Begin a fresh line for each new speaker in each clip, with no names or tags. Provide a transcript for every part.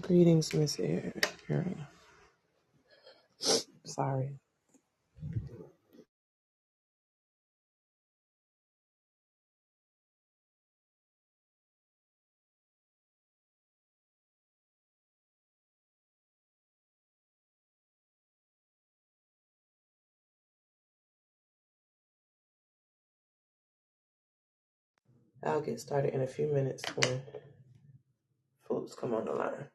Greetings, Miss Erin. Sorry. I'll get started in a few minutes when Phillips come on the line.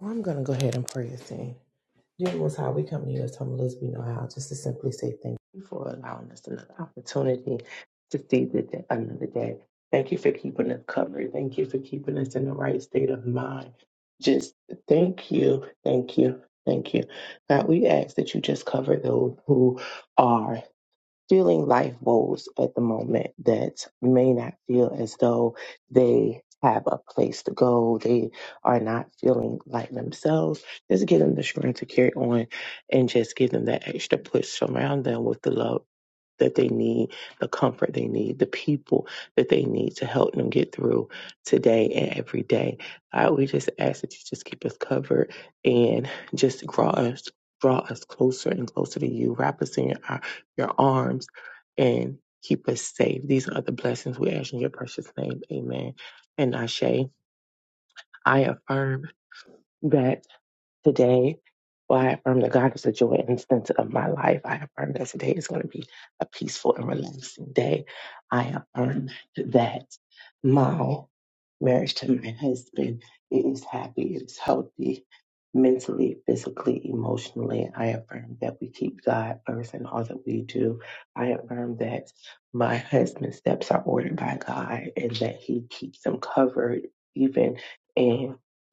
Well, I'm going to go ahead and pray this in. Dear Most High, we come to you as humble as we know how, just to simply say thank you for allowing us another opportunity to see the day, another day. Thank you for keeping us covered. Thank you for keeping us in the right state of mind. Just thank you, thank you, thank you. God, we ask that you just cover those who are feeling life woes at the moment that may not feel as though they have a place to go. They are not feeling like themselves. Just give them the strength to carry on and just give them that extra push around them with the love that they need, the comfort they need, the people that they need to help them get through today and every day. God, we just ask that you just keep us covered and just draw us draw us closer and closer to you, wrap us in our, your arms and keep us safe. These are the blessings we ask in your precious name. Amen. And Ashe, I affirm that today. Well, I affirm that God is the joy and center of my life. I affirm that today is going to be a peaceful and relaxing day. I affirm that my marriage to my husband is happy, it is healthy, mentally, physically, emotionally. I affirm that we keep God first in all that we do. I affirm that my husband's steps are ordered by God and that he keeps them covered even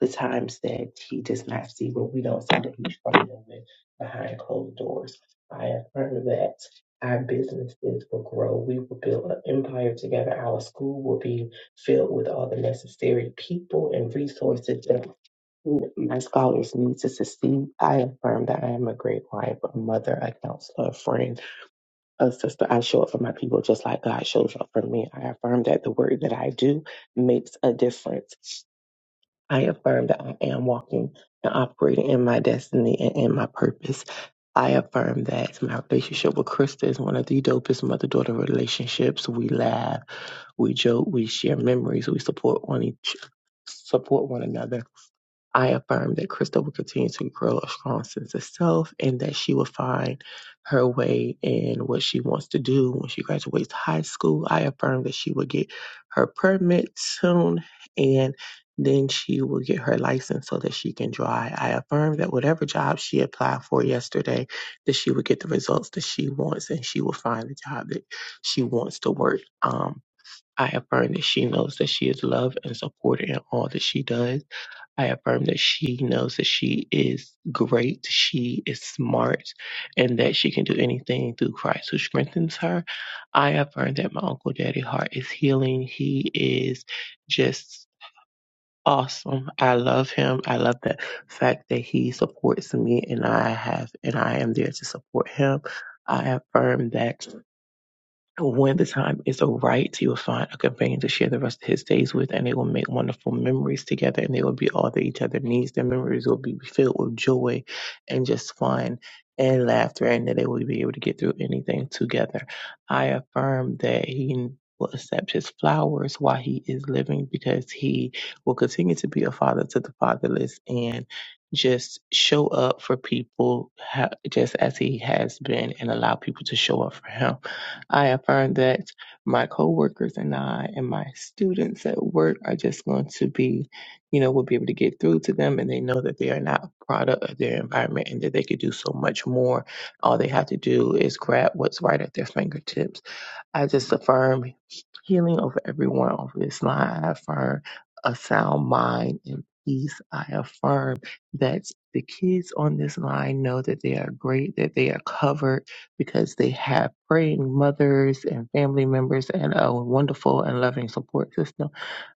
the times that he does not see what we don't see that he's struggling with behind closed doors. I affirm that our businesses will grow. We will build an empire together. Our school will be filled with all the necessary people and resources that my scholars need to succeed. I affirm that I am a great wife, a mother, a counselor, a friend, a sister. I show up for my people just like God shows up for me. I affirm that the work that I do makes a difference. I affirm that I am walking and operating in my destiny and in my purpose. I affirm that my relationship with Krista is one of the dopest mother daughter relationships. We laugh, we joke, we share memories, we support one each support one another I affirm that Crystal will continue to grow a strong sense of self and that she will find her way in what she wants to do when she graduates high school. I affirm that she will get her permit soon and then she will get her license so that she can drive. I affirm that whatever job she applied for yesterday, that she will get the results that she wants and she will find the job that she wants to work. Um, I affirm that she knows that she is loved and supported in all that she does I affirm that she knows that she is great, she is smart, and that she can do anything through Christ who strengthens her. I affirm that my Uncle Daddy Hart is healing. He is just awesome. I love him. I love the fact that he supports me and I have and I am there to support him. I affirm that when the time is so right, he will find a companion to share the rest of his days with, and they will make wonderful memories together, and they will be all that each other needs. Their memories will be filled with joy and just fun and laughter, and that they will be able to get through anything together. I affirm that he will accept his flowers while he is living because he will continue to be a father to the fatherless and just show up for people ha- just as he has been and allow people to show up for him. I affirm that my coworkers and I and my students at work are just going to be, you know, we'll be able to get through to them and they know that they are not a product of their environment and that they could do so much more. All they have to do is grab what's right at their fingertips I just affirm healing over everyone over this line. I affirm a sound mind and peace. I affirm that the kids on this line know that they are great, that they are covered because they have praying mothers and family members and a wonderful and loving support system.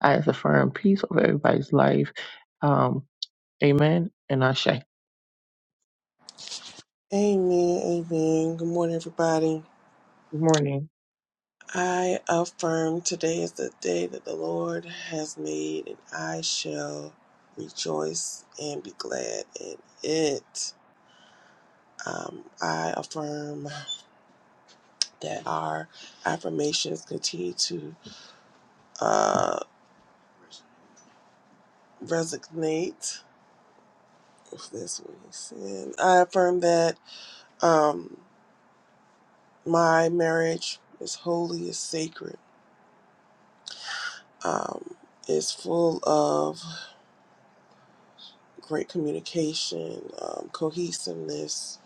I affirm peace over everybody's life. Um, amen. And I Good
Amen, amen. Good morning, everybody.
morning.
I affirm today is the day that the Lord has made, and I shall rejoice and be glad in it. Um, I affirm that our affirmations continue to uh, resonate. If that's what he said, I affirm that um, my marriage is holy, is sacred, um, is full of great communication, um, cohesiveness.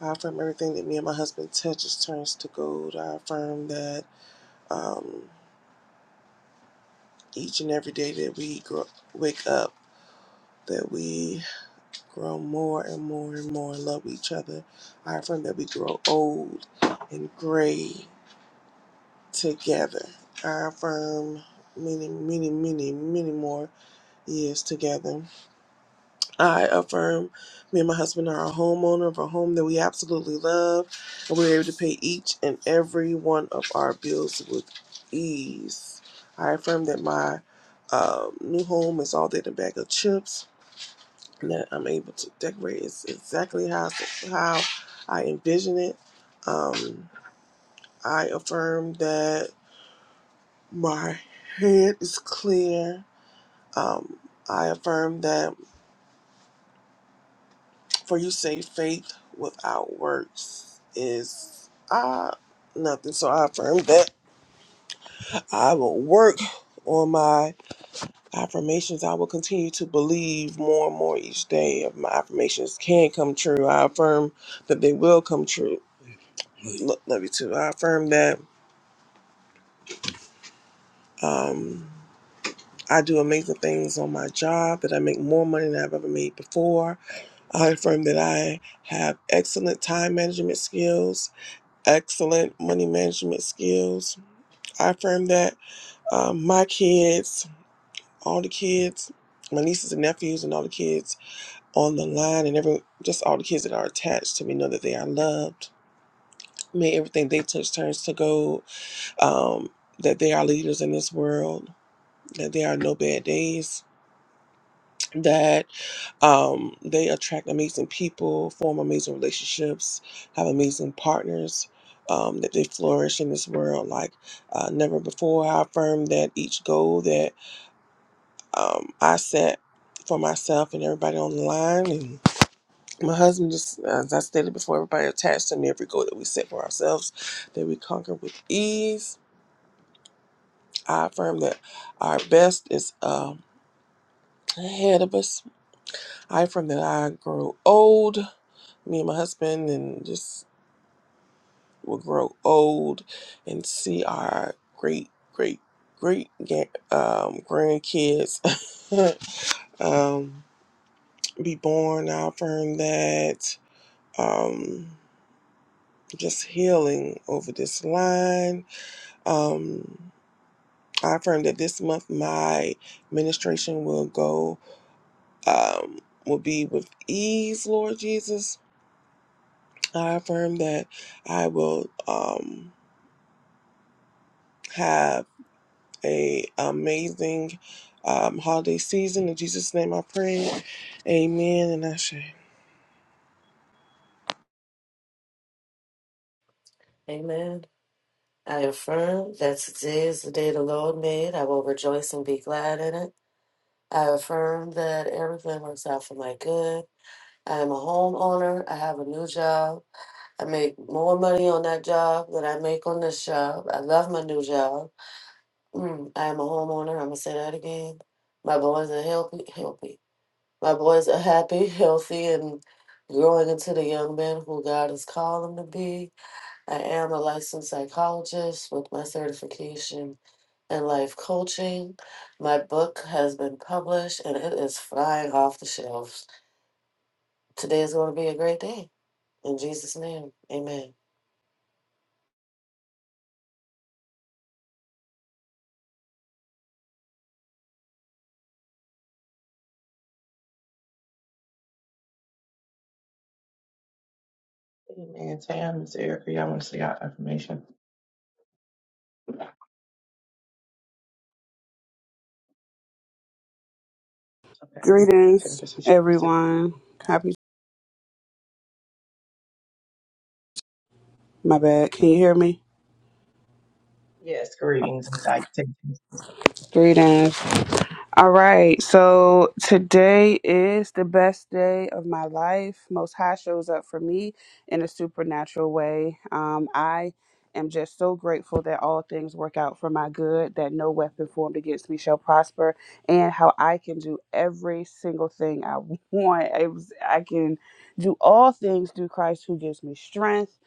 I affirm everything that me and my husband touches turns to gold. I affirm that um, each and every day that we grow, wake up, that we grow more and more and more and love each other. I affirm that we grow old and gray together. I affirm many, many, many, many more years together. I affirm me and my husband are a homeowner of a home that we absolutely love, and we're able to pay each and every one of our bills with ease. I affirm that my uh, new home is all that in a bag of chips, and that I'm able to decorate it exactly how, how I envision it. Um, I affirm that my head is clear. Um, I affirm that For you say faith without works is uh nothing. So I affirm that I will work on my affirmations. I will continue to believe more and more each day of my affirmations can come true. I affirm that they will come true. Lo- Love you too. I affirm that um I do amazing things on my job, that I make more money than I've ever made before. I affirm that I have excellent time management skills excellent money management skills. I affirm that um, my kids, all the kids, my nieces and nephews, and all the kids on the line, and every just all the kids that are attached to me know that they are loved. May everything they touch turns to gold. Um, that they are leaders in this world. That there are no bad days. That. Um, they attract amazing people, form amazing relationships, have amazing partners. Um, that they flourish in this world like uh, never before. I affirm that each goal that um, I set for myself and everybody on the line, and my husband, just as I stated before, everybody attached to me, every goal that we set for ourselves, that we conquer with ease. I affirm that our best is um ahead of us. I affirm that I grow old me and my husband and just will grow old and see our great, great, great um, grandkids um, be born. i affirm that. Um, just healing over this line. Um, I affirm that this month my ministration will go, um, will be with ease, Lord Jesus. I affirm that I will um, have. a amazing um, holiday season. In Jesus' name, I pray. Amen. And I
Amen. I affirm that today is the day the Lord made. I will rejoice and be glad in it. I affirm that everything works out for my good. I am a homeowner. I have a new job. I make more money on that job than I make on this job. I love my new job. Mm, I am a homeowner. I'm going to say that again. My boys are healthy. healthy. My boys are happy, healthy, and growing into the young men who God has called them to be. I am a licensed psychologist with my certification in life coaching. My book has been published and it is flying off the shelves. Today is going to be a great day. In Jesus' name, amen.
Amen. Tam, Miss Erica, y'all want to see our affirmation? Okay. Miss
Greetings,
Erica says she wants it.
everyone. Happy. My bad. Can you hear me?
Yes, greetings and salutations.
Greetings. All right. So today is the best day of my life. Most High shows up for me in a supernatural way. Um, I am just so grateful that all things work out for my good, that no weapon formed against me shall prosper, and how I can do every single thing I want. It was, I can do all things through Christ who gives me strength.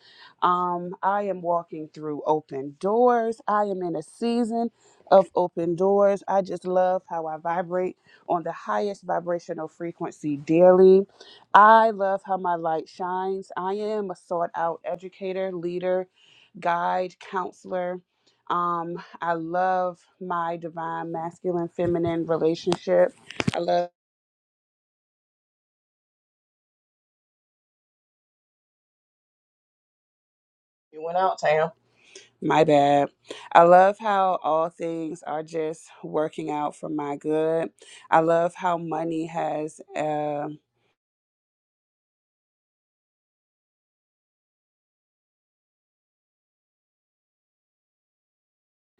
Um, I am walking through open doors. I am in a season of open doors. I just love how I vibrate on the highest vibrational frequency daily. I love how my light shines. I am a sought out educator, leader, guide, counselor. Um, I love my divine masculine feminine relationship. I love
You went out, Tam.
my bad. I love how all things are just working out for my good. I love how money has um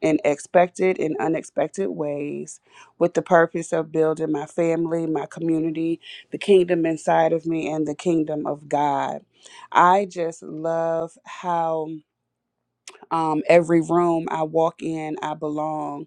in expected and unexpected ways with the purpose of building my family, my community, the kingdom inside of me, and the kingdom of God. I just love how um, every room I walk in, I belong.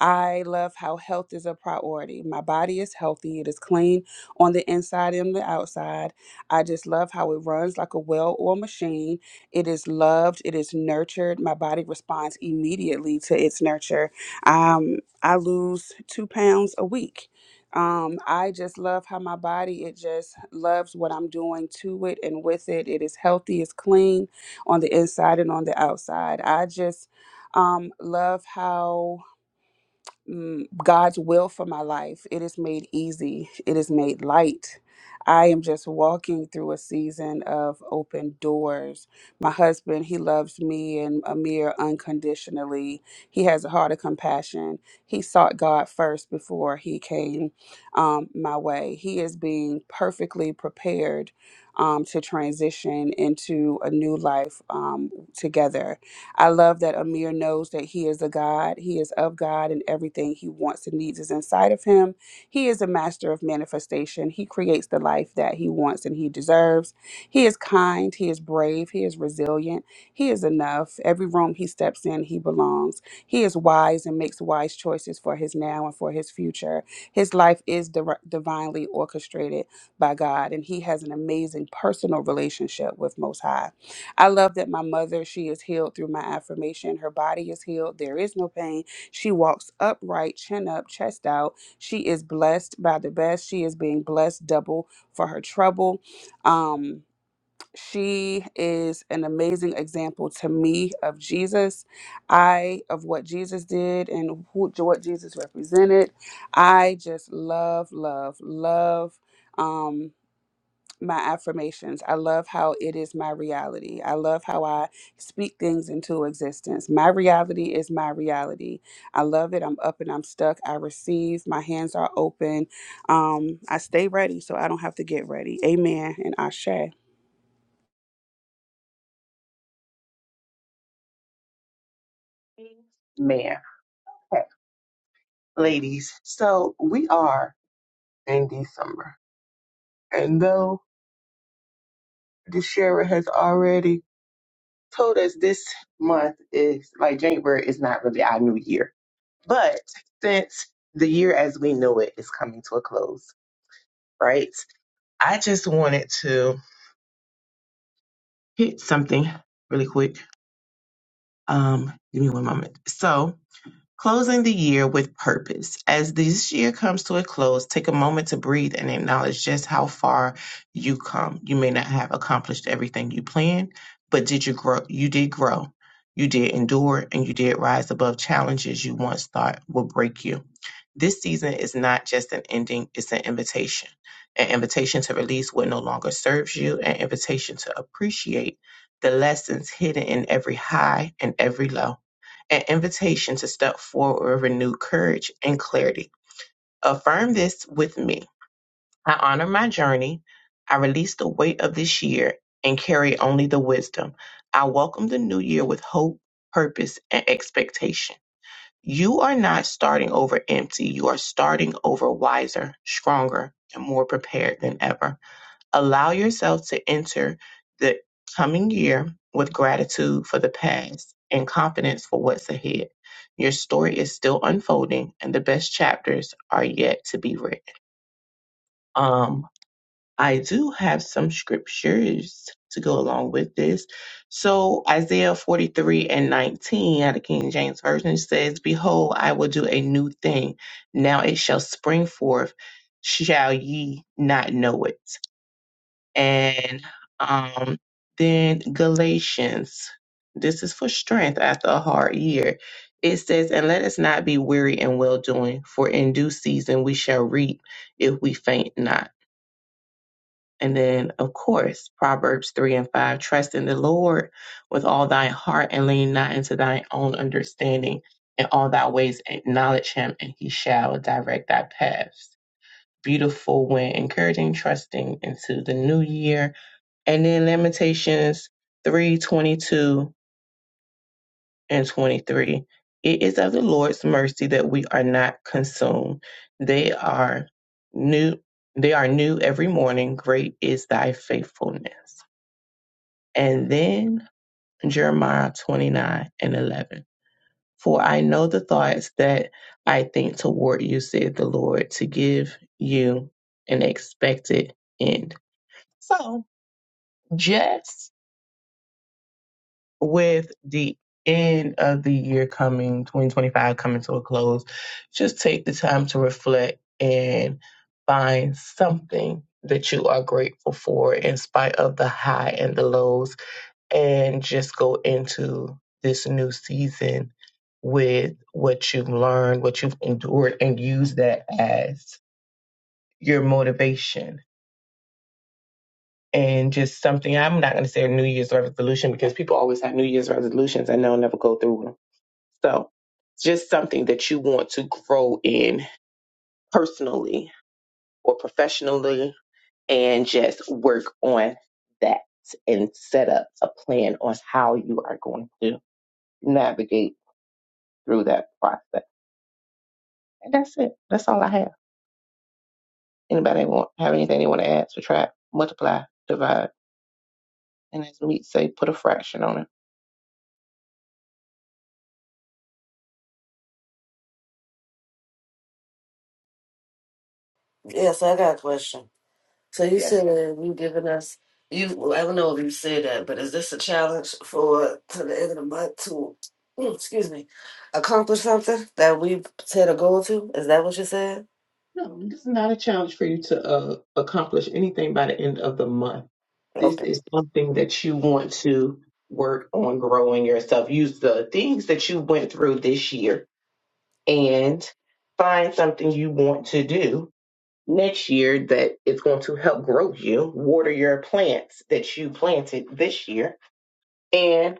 I love how health is a priority. My body is healthy, it is clean on the inside and the outside. I just love how it runs like a well oiled machine. It is loved, it is nurtured. My body responds immediately to its nurture. Um, I lose two pounds a week. Um, I just love how my body it just loves what I'm doing to it and with it. It is healthy, it's clean on the inside and on the outside. I just um, love how mm, God's will for my life. It is made easy, it is made light. I am just walking through a season of open doors. My husband, he loves me and Amir unconditionally. He has a heart of compassion. He sought God first before he came um, my way. He is being perfectly prepared um, to transition into a new life um, together. I love that Amir knows that he is a God. He is of God, and everything he wants and needs is inside of him. He is a master of manifestation. He creates the life that he wants and he deserves. He is kind. He is brave. He is resilient. He is enough. Every room he steps in, he belongs. He is wise and makes wise choices for his now and for his future. His life is di- divinely orchestrated by God, and he has an amazing personal relationship with Most High. I love that my mother, she is healed through my affirmation. Her body is healed. There is no pain. She walks upright, chin up, chest out. She is blessed by the best. She is being blessed double for her trouble. Um, she is an amazing example to me of Jesus. I of what Jesus did and who what Jesus represented. I just love, love, love. Um, my affirmations. I love how it is my reality. I love how I speak things into existence. My reality is my reality. I love it. I'm up and I'm stuck. I receive. My hands are open. Um, I stay ready so I don't have to get ready. Amen and Ashe.
Man, ladies, so we are in December. And though the sheriff has already told us this month is like January is not really our new year. But since the year as we know it is coming to a close, right? I just wanted to hit something really quick. Um, give me one moment. So Closing the year with purpose. As this year comes to a close, take a moment to breathe and acknowledge just how far you come. You may not have accomplished everything you planned, but did you grow? You did grow. You did endure and you did rise above challenges you once thought would break you. This season is not just an ending, it's an invitation. An invitation to release what no longer serves you, an invitation to appreciate the lessons hidden in every high and every low an invitation to step forward with renewed courage and clarity. Affirm this with me. I honor my journey. I release the weight of this year and carry only the wisdom. I welcome the new year with hope, purpose, and expectation. You are not starting over empty. You are starting over wiser, stronger, and more prepared than ever. Allow yourself to enter the coming year with gratitude for the past and confidence for what's ahead. Your story is still unfolding and the best chapters are yet to be written. Um, I do have some scriptures to go along with this. So Isaiah 43 and 19 out of King James Version says, Behold, I will do a new thing. Now it shall spring forth. Shall ye not know it? And um, then Galatians, this is for strength after a hard year. It says, And let us not be weary in well doing, for in due season we shall reap if we faint not. And then, of course, Proverbs 3 and 5 Trust in the Lord with all thine heart and lean not into thine own understanding. In all thy ways acknowledge him, and he shall direct thy paths. Beautiful when encouraging, trusting into the new year and then Lamentations 3 22 and 23. It is of the Lord's mercy that we are not consumed. They are new. They are new every morning. Great is thy faithfulness. And then Jeremiah 29 and 11. For I know the thoughts that I think toward you, said the Lord, to give you an expected end. So just with the end of the year coming, 2025 coming to a close, just take the time to reflect and find something that you are grateful for in spite of the high and the lows, and just go into this new season with what you've learned, what you've endured, and use that as your motivation. And just something, I'm not going to say a New Year's resolution because people always have New Year's resolutions and they'll never go through them So, just something that you want to grow in personally or professionally, and just work on that and set up a plan on how you are going to navigate through that process. And that's it. That's all I have. Anybody want have anything they want to add, subtract, multiply, divide, and as we say, put a fraction on it.
Yes, I got a question. So you
Yeah.
said uh, you giving us, you, well, I don't know if you said that, but is this a challenge for to the end of the month to, mm, excuse me, accomplish something that we've set a goal to? Is that what you said?
No, this is not a challenge for you to uh, accomplish anything by the end of the month. This
Okay.
is something that you want to work on growing yourself. Use the things that you went through this year and find something you want to do next year that it's going to help grow you, water your plants that you planted this year, and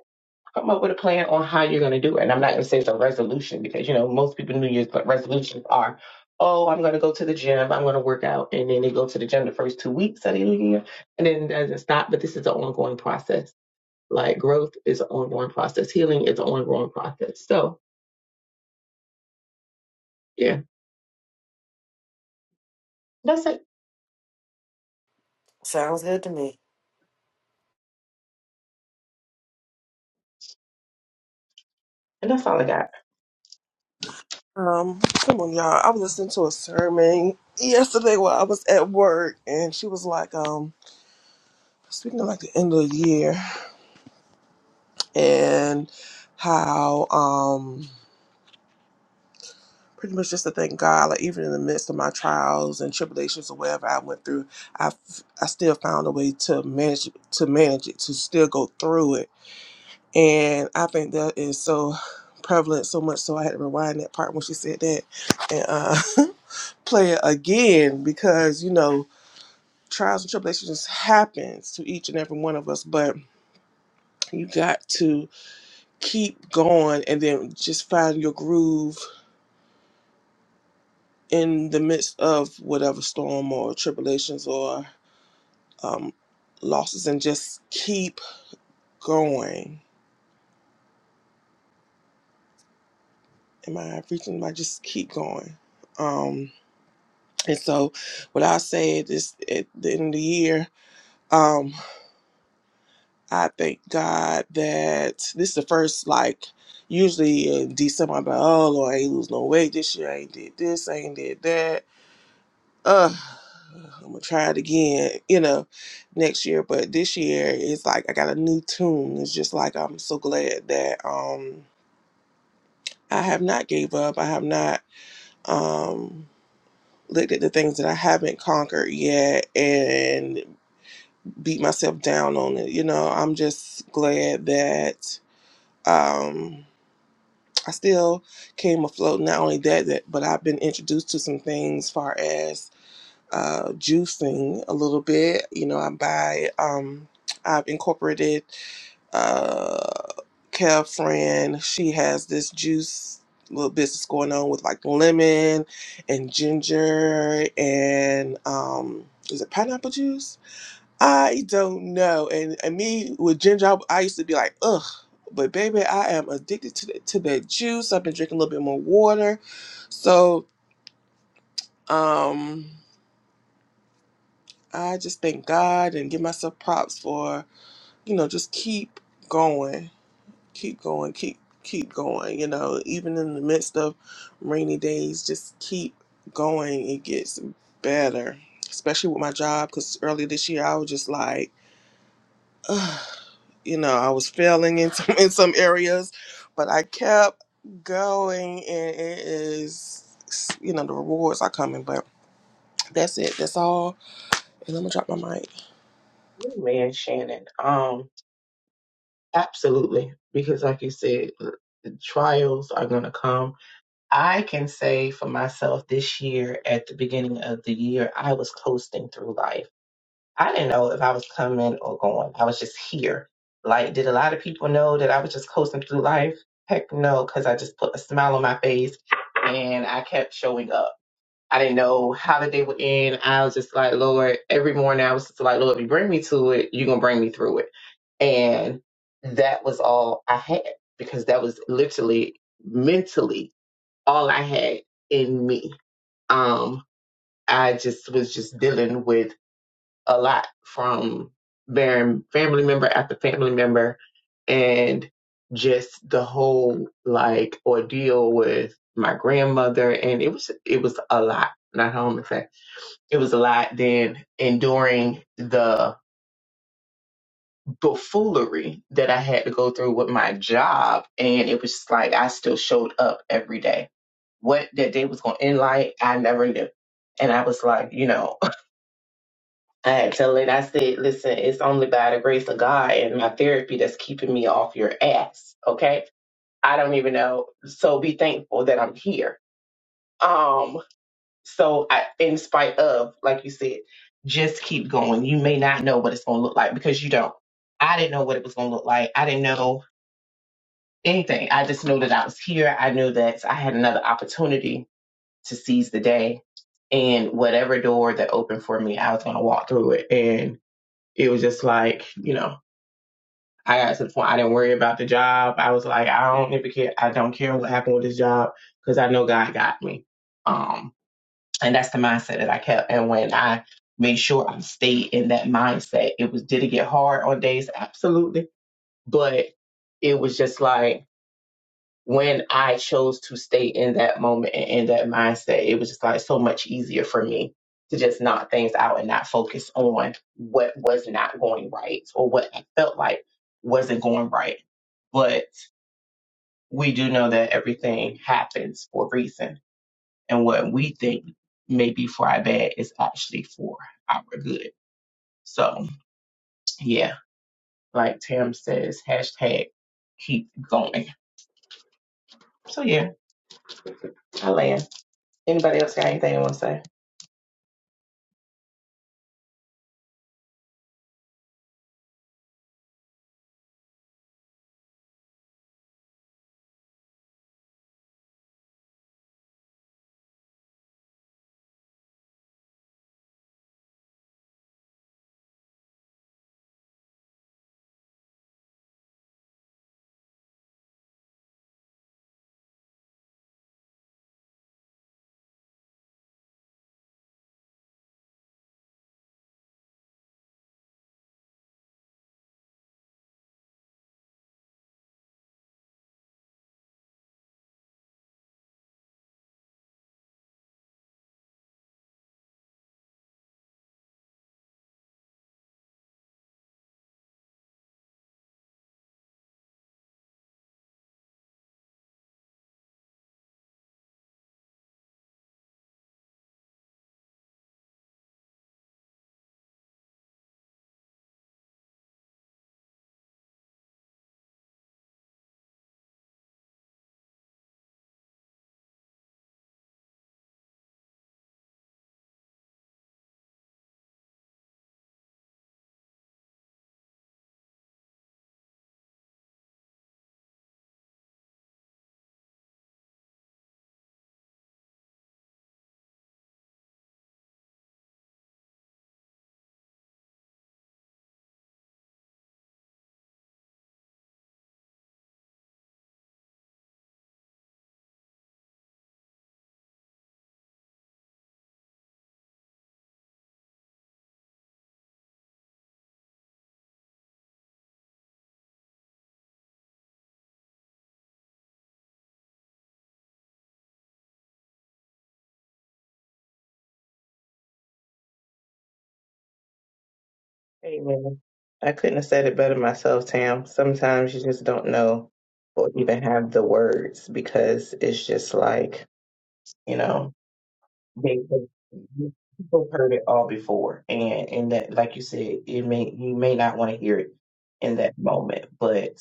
come up with a plan on how you're going to do it. And I'm not going to say it's a resolution because, you know, most people New Year's resolutions are, oh, I'm going to go to the gym, I'm going to work out. And then they go to the gym the first two weeks of the year, and then it doesn't stop. But this is an ongoing process. Like growth is an ongoing process, healing is an ongoing process. So, yeah, that's it.
Sounds good to me.
And that's all I got.
um, come on, y'all. I was listening to a sermon yesterday while I was at work, and she was like, um, speaking of like the end of the year and how um pretty much just to thank God, like even in the midst of my trials and tribulations or whatever I went through, I, f- I still found a way to manage to manage it, to still go through it And I think that is so prevalent, so much so I had to rewind that part when she said that and uh, play it again because, you know, trials and tribulations happens to each and every one of us, but you got to keep going and then just find your groove in the midst of whatever storm or tribulations or um, losses and just keep going. Am I reaching? Am I just keep going? Um, And so, what I said is at the end of the year, um, I thank God that this is the first like. Usually in December, I'm like, oh Lord, I ain't lose no weight. This year I ain't did this, I ain't did that. Uh, I'm gonna try it again, you know, next year. But this year, it's like I got a new tune. It's just like I'm so glad that um I have not gave up. I have not um looked at the things that I haven't conquered yet, and beat myself down on it. You know, I'm just glad that um, I still came afloat. Not only that, that but I've been introduced to some things as far as uh, juicing a little bit. You know, I buy. Um, I've incorporated uh, Kev friend. She has this juice little business going on with like lemon and ginger and um, is it pineapple juice? I don't know. And, and me with ginger, I, I used to be like, ugh. But baby, I am addicted to the, to that juice. I've been drinking a little bit more water, so um, I just thank God and give myself props for you know just keep going, keep going, keep keep going. You know, even in the midst of rainy days, just keep going. It gets better, especially with my job. Because earlier this year, I was just like. uh, you know, I was failing in some in some areas, but I kept going, and it is, you know, the rewards are coming. But that's it. That's all. And I'm gonna drop my mic.
Hey, Man, Shannon. Um, Absolutely. Because, like you said, the trials are going to come. I can say for myself this year, at the beginning of the year, I was coasting through life. I didn't know if I was coming or going. I was just here. Like, did a lot of people know that I was just coasting through life? Heck no, because I just put a smile on my face and I kept showing up. I didn't know how the day would end. I was just like, Lord, every morning I was just like, Lord, if you bring me to it, you're going to bring me through it and that was all I had because that was literally mentally all I had in me. Um, I just was just dealing with a lot from bearing family member after family member and just the whole like ordeal with my grandmother and it was it was a lot. Not home in fact. It was a lot then enduring the. buffoonery that I had to go through with my job. And it was just like I still showed up every day. What that day was going to end like, I never knew. And I was like, you know, I had to tell it, I said, listen, it's only by the grace of God and my therapy that's keeping me off your ass. Okay. I don't even know. So be thankful that I'm here. Um, so I, in spite of, like you said, just keep going. You may not know what it's going to look like because you don't. I didn't know what it was going to look like. I didn't know anything. I just know that I was here. I knew that I had another opportunity to seize the day. And whatever door that opened for me, I was going to walk through it. And it was just like, you know, I got to the point I didn't worry about the job. I was like, I don't even care. I don't care what happened with this job because I know God got me. Um, and that's the mindset that I kept. And when I made sure I stayed in that mindset, it was, did it get hard on days? Absolutely. But it was just like, when I chose to stay in that moment and in that mindset, it was just like so much easier for me to just knock things out and not focus on what was not going right or what I felt like wasn't going right. But we do know that everything happens for a reason. And what we think may be for our bad is actually for our good. So, yeah, like Tam says, hashtag keep going. So, yeah, I land. Anybody else got anything they want to say? Amen. I couldn't have said it better myself, Tam. Sometimes you just don't know or even have the words because it's just like, you know, they, they- people heard it all before. And and that like you said, it may you may not want to hear it in that moment, but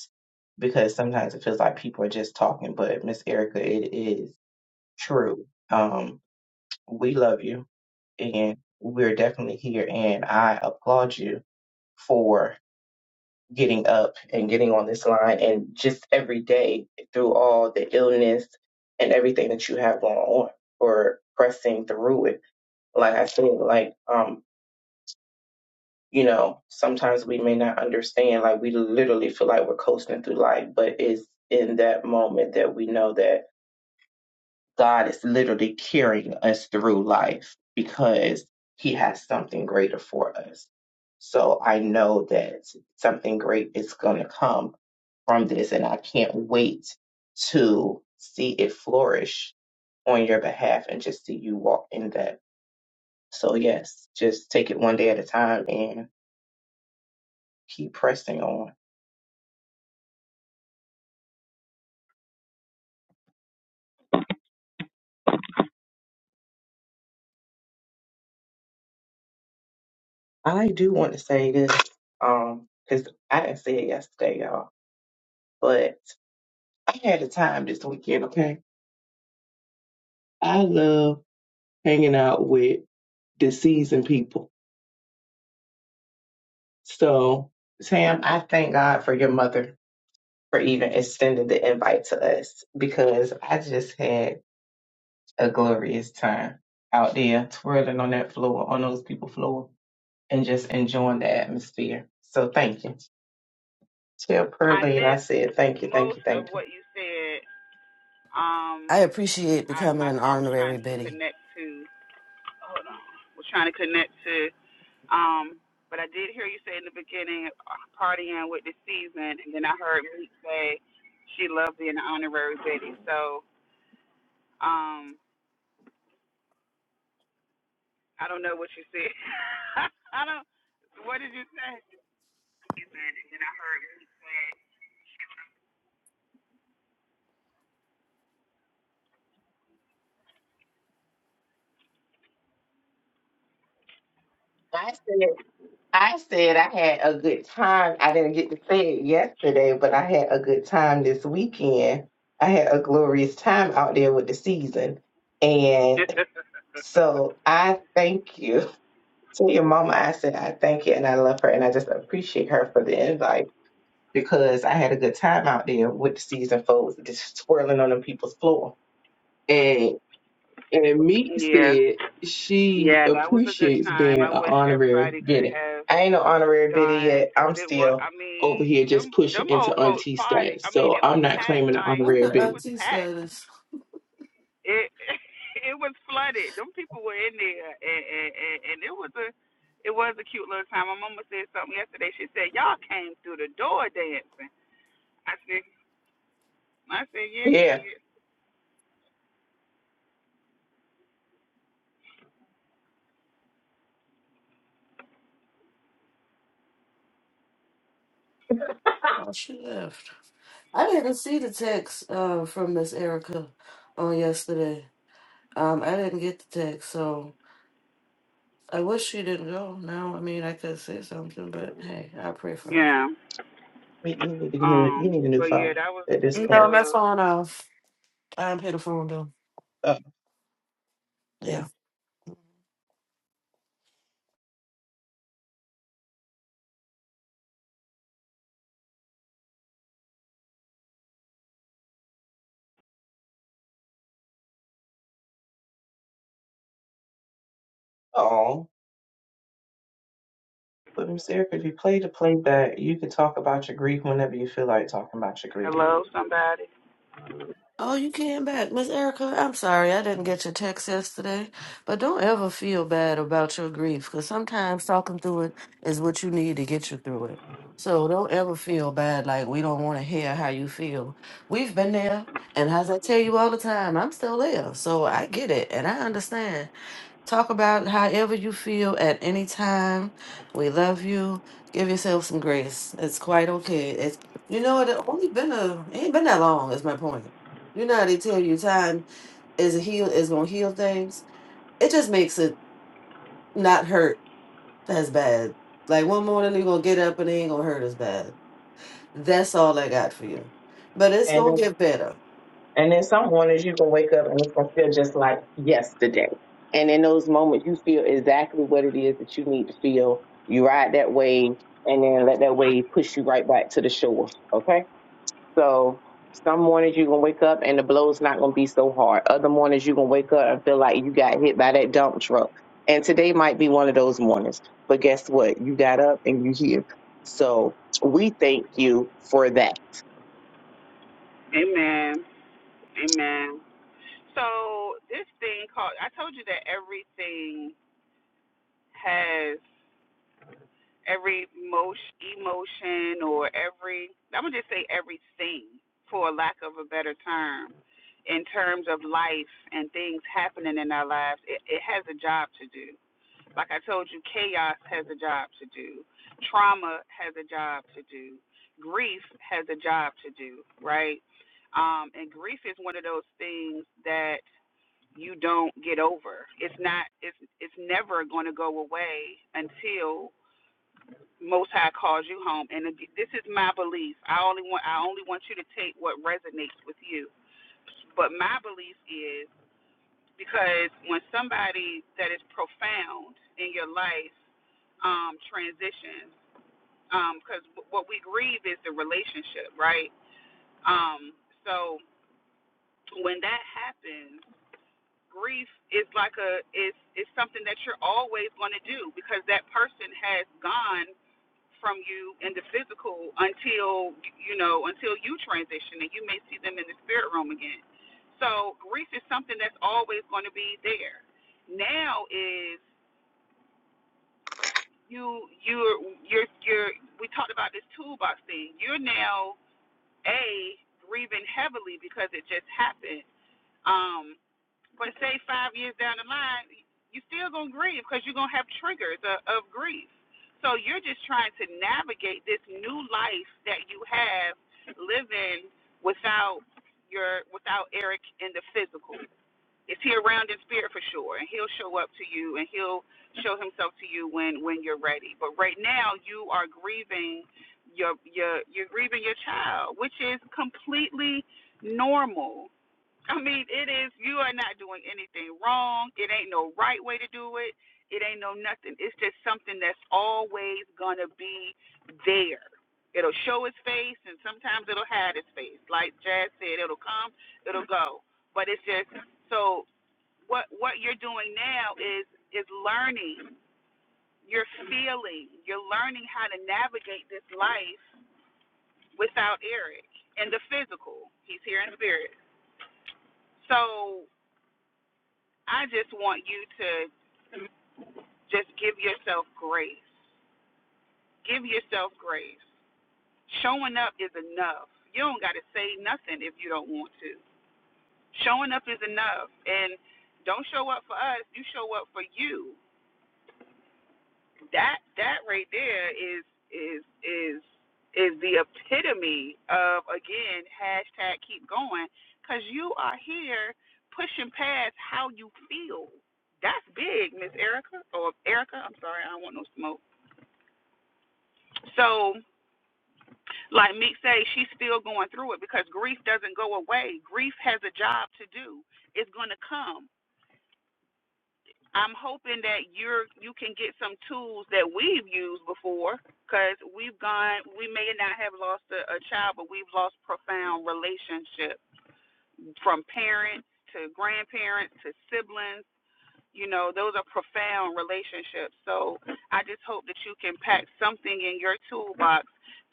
because sometimes it feels like people are just talking, but Miss Erica, it is true. Um, we love you and we're definitely here and I applaud you for getting up and getting on this line and just every day through all the illness and everything that you have going on or pressing through it. Like I said, like, um, you know, sometimes we may not understand, like we literally feel like we're coasting through life, but it's in that moment that we know that God is literally carrying us through life because he has something greater for us. So I know that something great is going to come from this, and I can't wait to see it flourish on your behalf and just see you walk in that. So, yes, just take it one day at a time and keep pressing on. I do want to say this um, because I didn't say it yesterday, y'all, but I had a time this weekend, okay? I love hanging out with the seasoned people. So, Sam, I thank God for your mother for even extending the invite to us because I just had a glorious time out there twirling on that floor, on those people floor, and just enjoying the atmosphere. So thank you. Tell
I
Pearline I said thank you,
missed
thank you,
most of
thank you.
what you said. Um,
I appreciate
I,
becoming
my
an
car was trying
honorary
to
Betty.
connect to was trying to connect to Um, but I did hear you say in the beginning, uh, partying with the season, and then I heard Meek say she loved being an honorary Betty. So um, I don't know what you said. I don't. What did you say?
I said I said I had a good time. I didn't get to say it yesterday, but I had a good time this weekend. I had a glorious time out there with the season. And so I thank you. To your mama, I said I thank you and I love her and I just appreciate her for the invite because I had a good time out there with the seasoned folks just swirling on them people's floor. And and Meek
Yeah,
said she
yeah, that was a good
appreciates being
time. I
an
wish
honorary
everybody could
biddy.
have
I ain't no honorary biddy
gone,
yet.
cause
I'm
it was.
still,
I
over
mean,
here just
them
pushing
them
into
old folks
auntie
party. I
status.
mean,
So
it was
I'm not
packed.
claiming an
Like
Not the
honorary
it
biddy.
was
LT
packed.
status.
it it was flooded. Them people were in there, and, and and it was a it was a cute little time. My mama said something yesterday. She said y'all came through the door dancing. I said I said yeah you
yeah.
did.
Oh, she left. I didn't see the text uh, from Miss Erica on yesterday. Um, I didn't get the text, so I wish she didn't go. Now, I mean, I could say something, but hey, I pray for her.
Yeah.
You you need a new, you
Um.
need a new
But yeah,
phone
that was a
at this
cute
No,
point.
my
little
phone off. I'm hit a phone bill.
Oh,
Yeah.
yeah. Oh, but Miss Erica, if you play the playback, you can talk about your grief whenever you feel like talking about your grief.
hello somebody.
Oh, you came back. Miss Erica, I'm sorry I didn't get your text yesterday. But don't ever feel bad about your grief because sometimes talking through it is what you need to get you through it. So don't ever feel bad like we don't want to hear how you feel. We've been there. And as I tell you all the time, I'm still there. So I get it and I understand. Talk about however you feel at any time. We love you. Give yourself some grace. It's quite okay. It's you know it only been a it ain't been that long. Is my point. You know how they tell you time is a heal is gonna heal things. It just makes it not hurt as bad. Like one morning you're gonna get up and it ain't gonna hurt as bad. That's all I got for you. But it's
And
gonna
then,
get better.
and then some mornings you can wake up and it's gonna feel just like yesterday. And in those moments, you feel exactly what it is that you need to feel. You ride that wave, and then let that wave push you right back to the shore. Okay. So some mornings you're gonna wake up and the blow's not gonna be so hard. Other mornings you're gonna wake up and feel like you got hit by that dump truck. And today might be one of those mornings. But guess what? You got up and you here. So we thank you for that.
Amen. Amen. So this thing called I told you that everything has. every motion, emotion or every I'm gonna just say everything for lack of a better term in terms of life and things happening in our lives it, it has a job to do like I told you chaos has a job to do trauma has a job to do grief has a job to do right um and grief is one of those things that you don't get over it's not it's it's never going to go away until most High calls you home. And this is my belief. I only want I only want you to take what resonates with you. But my belief is because when somebody that is profound in your life um, transitions, because um, what we grieve is the relationship, right? Um, so when that happens, grief is like a is is something that you're always going to do because that person has gone from you in the physical until you know until you transition and you may see them in the spirit realm again so grief is something that's always going to be there now is you you're you're you're we talked about this toolbox thing you're now a grieving heavily because it just happened um but say five years down the line, you're still gonna grieve because you're gonna have triggers of, of grief. So you're just trying to navigate this new life that you have living without your without Eric in the physical. Is he around in spirit for sure, and he'll show up to you, and he'll show himself to you when when you're ready. But right now, you are grieving your your you're grieving your child, which is completely normal I mean, it is, you are not doing anything wrong. It ain't no right way to do it. It ain't no nothing. It's just something that's always going to be there. It'll show its face, and sometimes it'll hide its face. Like Jazz said, it'll come, it'll go. But it's just, so what what you're doing now is is learning. You're feeling. You're learning how to navigate this life without Eric and the physical. He's here in spirit. So I just want you to just give yourself grace. Give yourself grace. Showing up is enough. You don't got to say nothing if you don't want to. Showing up is enough. And don't show up for us, you show up for you. That that right there is is is is the epitome of again hashtag keep going because you are here pushing past how you feel. That's big, Miss Erica or Erica. I'm sorry, I don't want no smoke. So, like Meek say, she's still going through it because grief doesn't go away. Grief has a job to do. It's going to come. I'm hoping that you're you can get some tools that we've used before because we've gone. We may not have lost a, a child, but we've lost profound relationships from parents to grandparents to siblings You know, those are profound relationships. So I just hope that you can pack something in your toolbox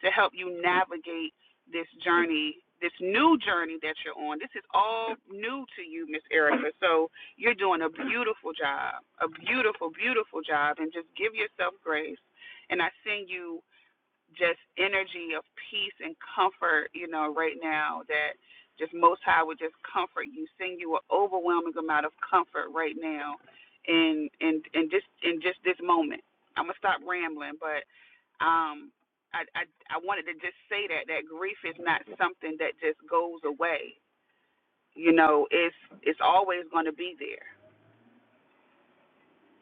to help you navigate this journey, this new journey that you're on. This is all new to you, Miss Erica. So you're doing a beautiful job, a beautiful, beautiful job. And just give yourself grace. And I send you just energy of peace and comfort, you know, right now that just most high would just comfort you, send you an overwhelming amount of comfort right now in in in just in just this moment. I'm gonna stop rambling, but um I, I I wanted to just say that that grief is not something that just goes away. You know, it's it's always gonna be there.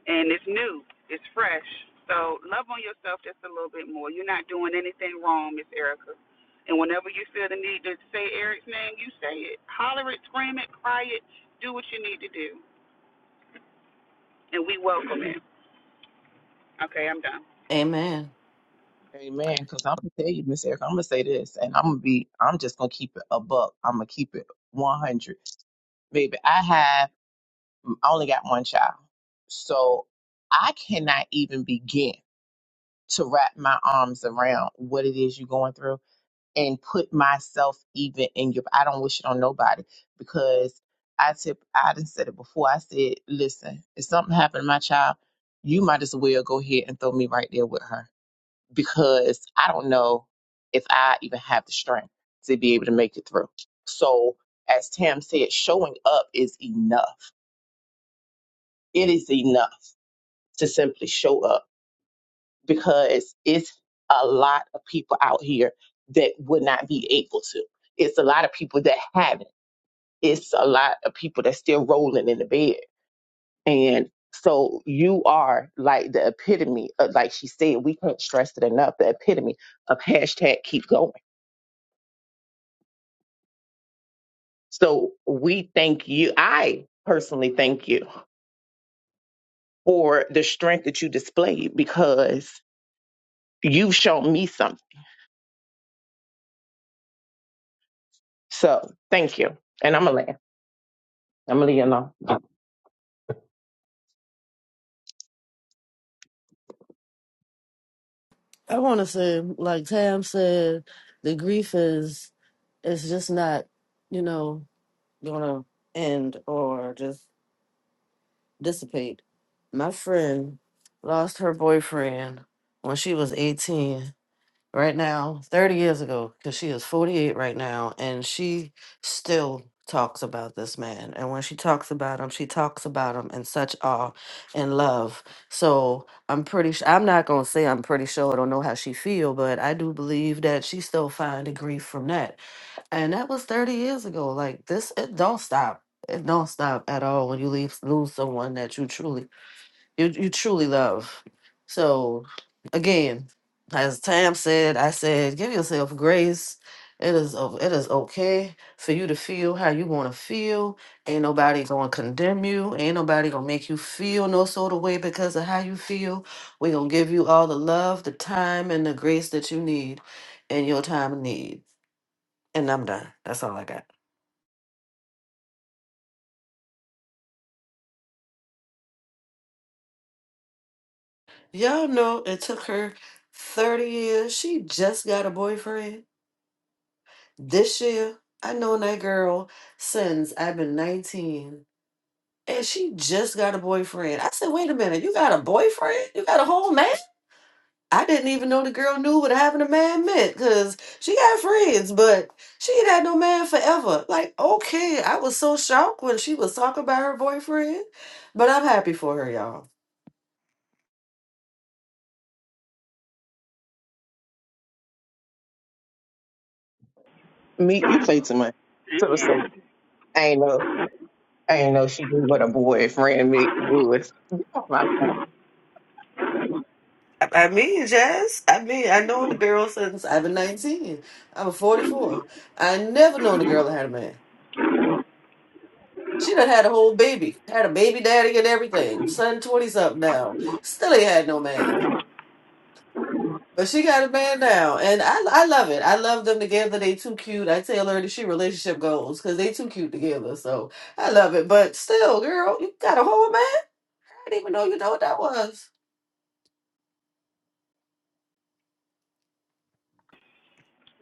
and it's new, it's fresh. So love on yourself just a little bit more. You're not doing anything wrong, Miss Erica. And whenever you feel the need to say Eric's name, you say it. Holler it, scream it, cry it, do what you need to do. And we welcome it. Okay, I'm done.
Amen.
Amen. Because I'm gonna tell you, Miss Erica, I'm gonna say this, and I'm gonna be, I'm just gonna keep it a buck. I'm gonna keep it 100, baby. I have, I only got one child, so I cannot even begin. to wrap my arms around what it is you're going through and put myself even in your I don't wish it on nobody because I tip I done said it before. I said, listen, if something happened to my child, you might as well go ahead and throw me right there with her because I don't know if I even have the strength to be able to make it through. So as Tam said, showing up is enough. It is enough to simply show up because it's a lot of people out here that would not be able to. It's a lot of people that haven't. It's a lot of people that's still rolling in the bed. And so you are like the epitome of, like she said, we can't stress it enough, the epitome of hashtag keep going. So we thank you. I personally thank you for the strength that you displayed because you've shown me something. So thank you. And I'm going to laugh. I'm going to leave you alone.
I want to say, like Tam said, the grief is it's just not, you know, gonna end or just dissipate. My friend lost her boyfriend when she was 18. right now, 30 years ago, because she is 48 right now, and she still talks about this man. And when she talks about him, she talks about him in such awe and love. So I'm pretty sure, I'm not going to say I'm pretty sure, I don't know how she feel, but I do believe that she still finding grief from that. And that was 30 years ago. Like this, it don't stop. It don't stop at all when you leave, lose someone that you truly you you truly love. So again, as Tam said, I said, give yourself grace. It is o- it is okay for you to feel how you want to feel. Ain't nobody gonna condemn you. Ain't nobody gonna make you feel no sort of way because of how you feel. we gonna give you all the love, the time, and the grace that you need in your time of need. And I'm done. That's all I got. Y'all know it took her 30 years. She just got a boyfriend This year, I known that girl since I've been 19. And she just got a boyfriend. I said, wait a minute, you got a boyfriend? You got a whole man? I didn't even know the girl knew what having a man meant because she had friends, but she ain't had no man forever. Like, okay, I was so shocked when she was talking about her boyfriend, but I'm happy for her, y'all.
Me, you play too much. So,
Amen.
so I ain't know, I ain't know she knew what a boyfriend me would. You know my life.
I I mean, Jazz. I mean, I known the girl since I've been 19. I'm 44. I never known a girl that had a man. She done had a whole baby, had a baby daddy and everything. Son 20 something now. Still ain't had no man. But she got a man now. And I I love it. I love them together. They too cute. I tell her that she relationship goals because they too cute together. So I love it. But still, girl, you got a whole man. I didn't even know you know what that was.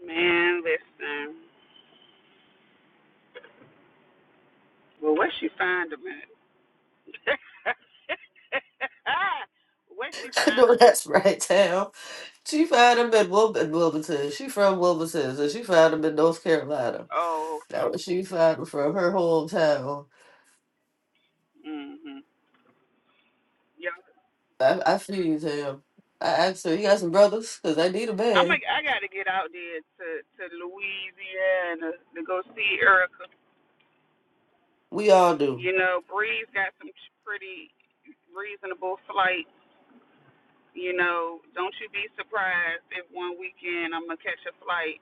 Man, listen. Well, where she find him at? where she
No,
find him?
that's right, Tam. She found him in Wil- in Wilmington. She from Wilmington, and she found him in North Carolina.
Oh,
That
okay.
was she found him from her hometown.
mm Mhm. Yeah.
I, I feed him. I asked her, "You got some brothers? Cause I need a
I'm. A,
man.
I I got to get out there to to Louisiana to go see Erica
We all do.
You know, Breeze got some pretty reasonable flights. You know, don't you be surprised if one weekend I'm gonna catch a flight.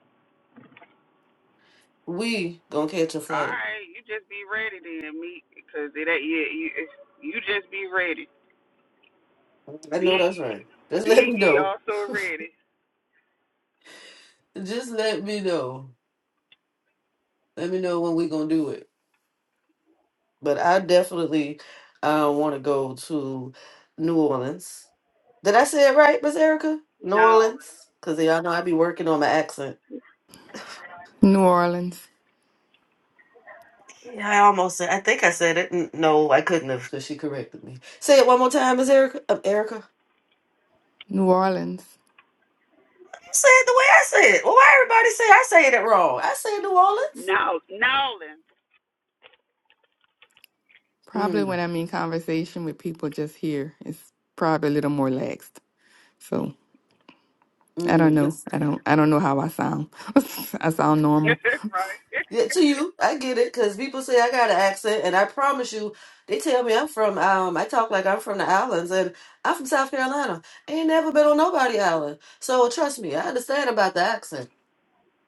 We gonna catch a
All
flight.
right, you just be ready then, me, because it ain't yeah, you, you just be ready.
I know
Be
that's right. Just let
be
me
ye
know.
also ready.
Just let me know. Let me know when we gonna do it. But I definitely uh, want to go to New Orleans. Did I say it right, Miss Erica? New
Nolin,
Orleans, cause y'all know I be working on my accent.
New Orleans.
Yeah, I almost said. I think I said it. N- No, I couldn't have, because she corrected me. Say it one more time, Miss Erica. Um, Erica. You
New Orleans.
said it the way I said it. Well, why everybody say I say it wrong? I say New
no, Nolin,
Probably
Orleans. Mm,
when I'm in conversation with people just here, it's probably a little more relaxed. So I don't
mm,
know.
yes.
I don't I don't know how I sound. I sound normal.
right?
Yeah, to you, I get it, because people say I got an accent, and I promise you, they tell me I'm from. Um, I talk like I'm from the islands, and I'm from South Carolina. Ain't never been on nobody island, so trust me, I understand about the accent.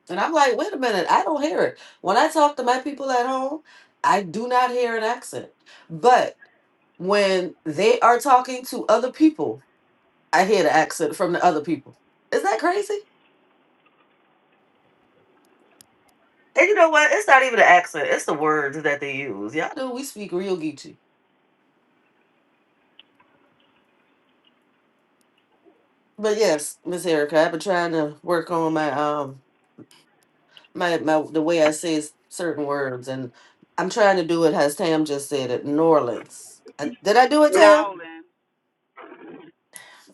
And I'm like, wait a minute, I don't hear it. When I talk to my people at home, I do not hear an accent. But when they are talking to other people, I hear the accent from the other people. Is that crazy? And you know what? It's not even an accent, it's the words that they use. Y'all know we speak real Geechee. But yes, Miss Erica, I've been trying to work on my um my my the way I say s- certain words and I'm trying to do it as Tam just said it, New Orleans. I, did I do it, Tam?
Nolin.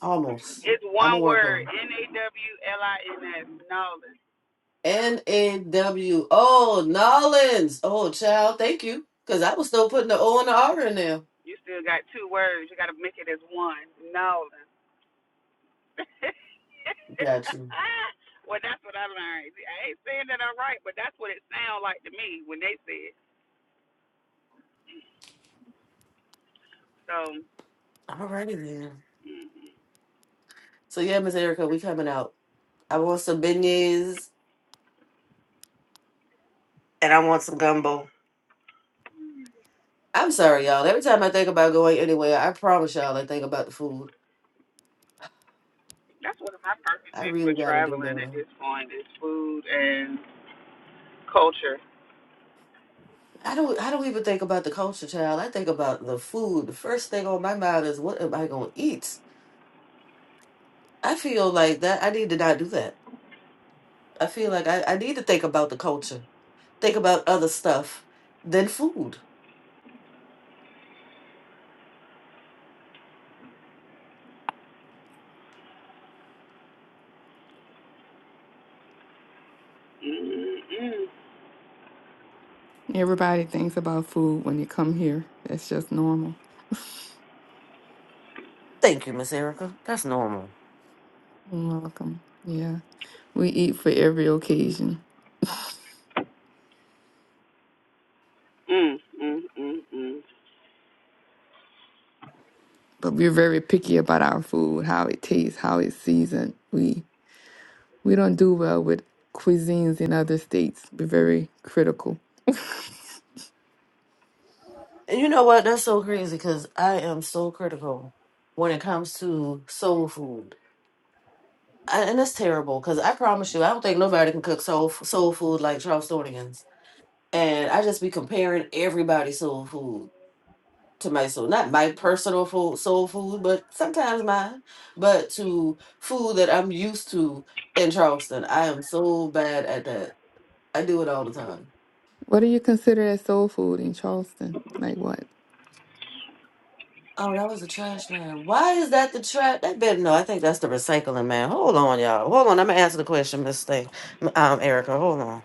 Almost.
It's
I'm gonna
one
work
word.
on it.
N a w l i n s. Nolin.
N-A-W. Oh, Nollins. Oh, child, thank you. Because I was still putting the O and the R in there.
You still got two words. You got to make it as one. Nolin.
Got you.
well, that's what I learned. I ain't saying that I'm right, but that's what it sounds like to me when they say it. So
All righty then. So, yeah, Miss Erica, we coming out. I want some beignets and I want some gumbo. I'm sorry, y'all. Every time I think about going anywhere, I promise y'all I think about the food.
that's one of my
I
purposes for
really got to do
traveling at
better.
this point is food and culture.
I don't, I don't even think about the culture, child. I think about the food. The first thing on my mind is, what am I going to eat? I feel like that. I need to not do that. I feel like I, I need to think about the culture. think about other stuff than food.
Mm, mm,
Everybody thinks about food when you come here. That's just normal.
Thank you, Miss Erica. That's normal.
You're welcome. Yeah. We eat for every occasion.
mm, mm, mm, mm.
But we're very picky about our food, how it tastes, how it's seasoned. We we don't do well with cuisines in other states. We're very critical.
And you know what? That's so crazy because I am so critical when it comes to soul food. I, and it's terrible because I promise you, I don't think nobody can cook soul, soul food like Charlestonians. And I just be comparing everybody's soul food to my soul. Not my personal food, soul food, but sometimes mine, but to food that I'm used to in Charleston. I am so bad at that. I do it all the time.
What do you consider as soul food in Charleston? Like what?
Oh, that was the trash man. Why is that the trash? That better no. I think that's the recycling man. Hold on, y'all. Hold on. I'm gonna answer the question, Miss Thing. M- Um, Erica. Hold on.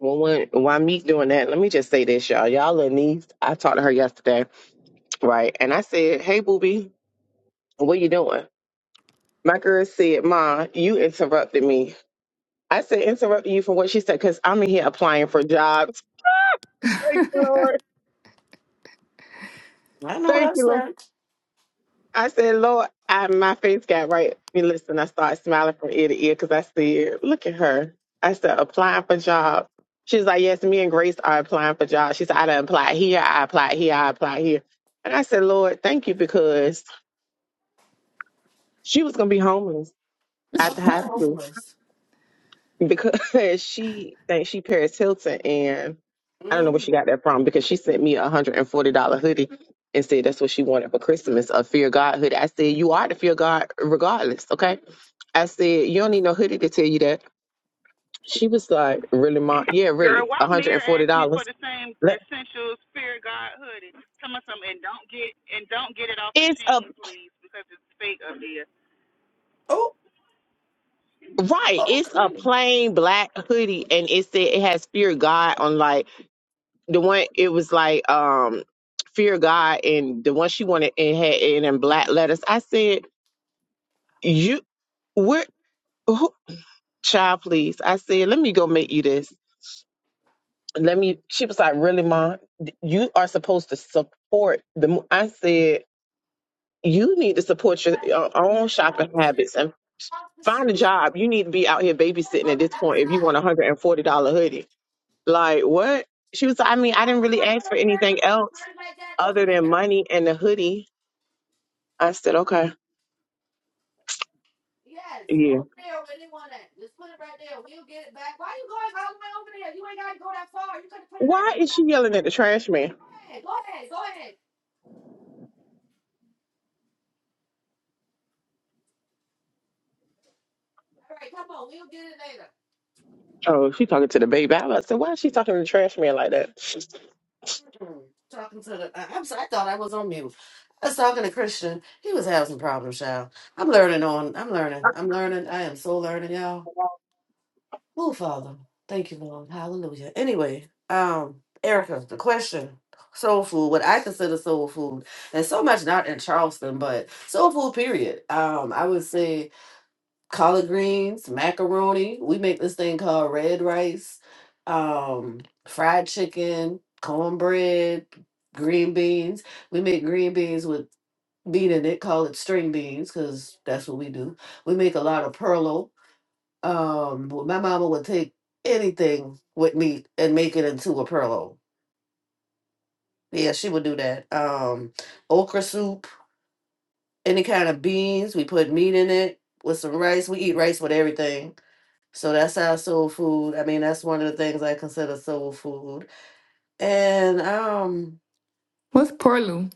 Well, when, while me doing that, let me just say this, y'all. Y'all little niece, I talked to her yesterday, right? And I said, "Hey, booby, what you doing?" My girl said, "Ma, you interrupted me." I said, "Interrupted you from what she said because I'm in here applying for jobs." Thank you, Lord.
I know what
Thank
I
you, Lord.
said.
I said, Lord, I, my face got right. I listen, I started smiling from ear to ear because I said, look at her. I said, applying for jobs. She's like, yes, me and Grace are applying for jobs. She said, I done applied here, I applied here, I applied here. And I said, Lord, thank you because she was going to be homeless
Oh,
after
not
high school.
homeless.
because she thinks she Paris Hilton, and I don't know where she
Mm.
got that from because she sent me a hundred and forty dollar hoodie and said that's what she wanted for Christmas, a Fear God hoodie. I said you are the Fear God regardless, okay? I said you don't need no hoodie to tell you that. She was like, really, mom? Yeah,
Girl,
really,
why
a hundred
Mir
and forty
asked me for
dollars.
the same essential spirit guard hoodie? Some of something and don't get and don't get it off of
It's a
Sheen, please, because it's fake up there.
Oh,
right. It's a
okay.
plain black hoodie, and it said it has Fear God on like the one it was like um fear god and the one she wanted and had and in black letters i said you where who, child please i said let me go make you this let me she was like really mom you are supposed to support the mo-" i said you need to support your, your own shopping habits and find a job you need to be out here babysitting at this point if you want a hundred and forty dollar hoodie like what she was like, i mean i didn't really ask for anything else other than money and the hoodie I said, okay. Yeah. Why is she yelling at the trash man? Oh, she talking to the baby. I said, why is she talking to the trash man like that? Just
Talking to the, I- I'm sorry, I thought I was on mute. I was talking to Christian. He was having some problems, y'all. I'm learning on, I'm learning, I'm learning. I am so learning, y'all. Oh, Father, thank you, Lord. Hallelujah. Anyway, um, Erica, the question. Soul food, what I consider soul food, and so much not in Charleston, but soul food. Period. Um, I would say collard greens, macaroni. We make this thing called red rice, um, fried chicken, cornbread, green beans. We make green beans with meat in it, call it string beans, because that's what we do. We make a lot of perlo. Um, but my mama would take anything with meat and make it into a perlo. Yeah, she would do that. Um, okra soup, any kind of beans. We put meat in it with some rice. We eat rice with everything So that's our soul food. I mean, that's one of the things I consider soul food. And um
What's porlu?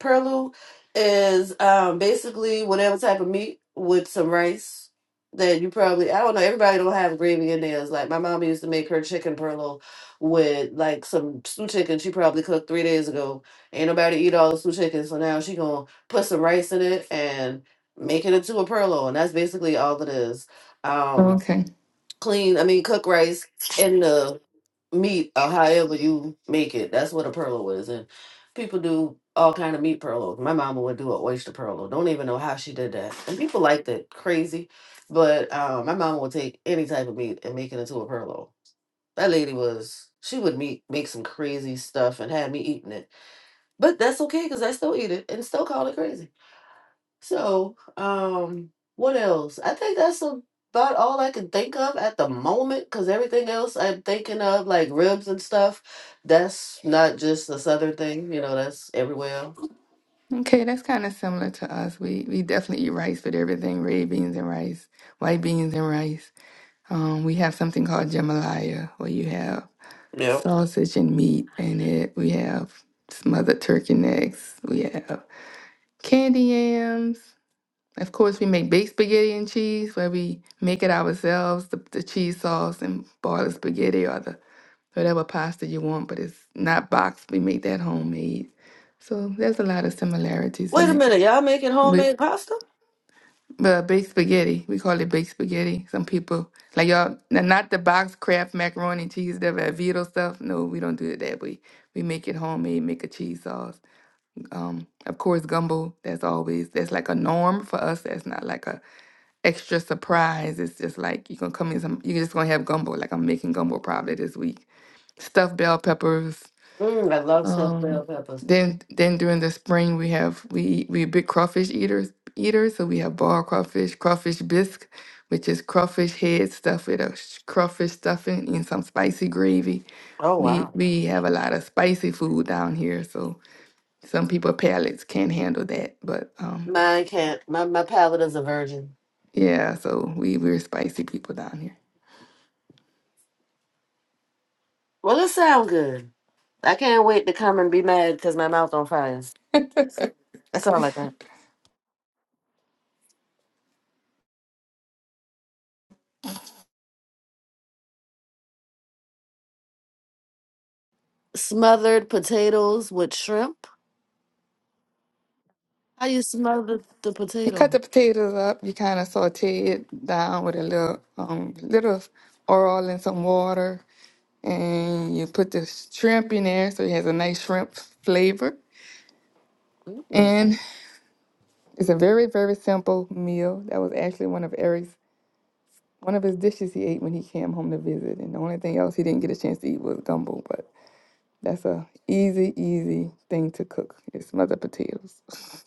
perlu is um basically whatever type of meat with some rice that you probably I don't know, everybody don't have gravy in theirs. Like my mom used to make her chicken perlu with like some stew chicken she probably cooked three days ago. Ain't nobody eat all the stew chicken, so now she gonna put some rice in it and make it into a perlo, and that's basically all it is.
Oh,
Um
Okay.
clean I mean cook rice in the meat or however you make it. That's what a perlo is. And people do all kind of meat perlos. My mama would do an oyster perlo. Don't even know how she did that. And people like that crazy. But um, my mama would take any type of meat and make it into a perlo. That lady was she would meet, make some crazy stuff and have me eating it. But that's okay because I still eat it and still call it crazy. So, um, what else? I think that's about all I can think of at the moment because everything else I'm thinking of, like ribs and stuff, that's not just a southern thing, you know, that's everywhere else.
Okay, that's kind of similar to us. We we definitely eat rice with everything, red beans and rice, white beans and rice. Um, we have something called jambalaya, where you have
Yeah.
sausage and meat in it. We have smothered turkey necks. We have candy yams. Of course, we make baked spaghetti and cheese, where we make it ourselves, the, the cheese sauce, and boil the spaghetti or the whatever pasta you want, but it's not boxed. We make that homemade. So there's a lot of similarities
Wait
in
a
it.
minute, y'all making
But
homemade pasta?
but baked spaghetti, we call it baked spaghetti. Some people like y'all now not the box craft macaroni and cheese, the Velveeta stuff. No, we don't do it that way. We make it homemade, make a cheese sauce. Um, of course, gumbo. That's always that's like a norm for us. That's not like a extra surprise. It's just like you're gonna come in some. You're just gonna have gumbo. Like I'm making gumbo probably this week. Stuffed bell peppers,
Mm, I love stuffed
Um,
bell peppers.
then then during the spring we have we we big crawfish eaters eaters, so we have boiled crawfish, crawfish bisque, which is crawfish head stuffed with a sh- crawfish stuffing and some spicy gravy.
Oh
We
wow.
we have a lot of spicy food down here, so some people palates can't handle that, but um
Mine can't. My my palate is a virgin.
yeah, so we we're spicy people down here.
Well, it sound good. I can't wait to come and be mad because my mouth on fire. That's all I got. Smothered potatoes with shrimp. I used to love the, the
You cut
potato.
the potatoes up, you kind of saute it down with a little um little oil and some water and you put the shrimp in there so it has a nice shrimp flavor.
Mm.
And it's a very, very simple meal. That was actually one of Eric's one of his dishes he ate when he came home to visit. And the only thing else he didn't get a chance to eat was gumbo, but that's a easy, easy thing to cook. It's smothered potatoes.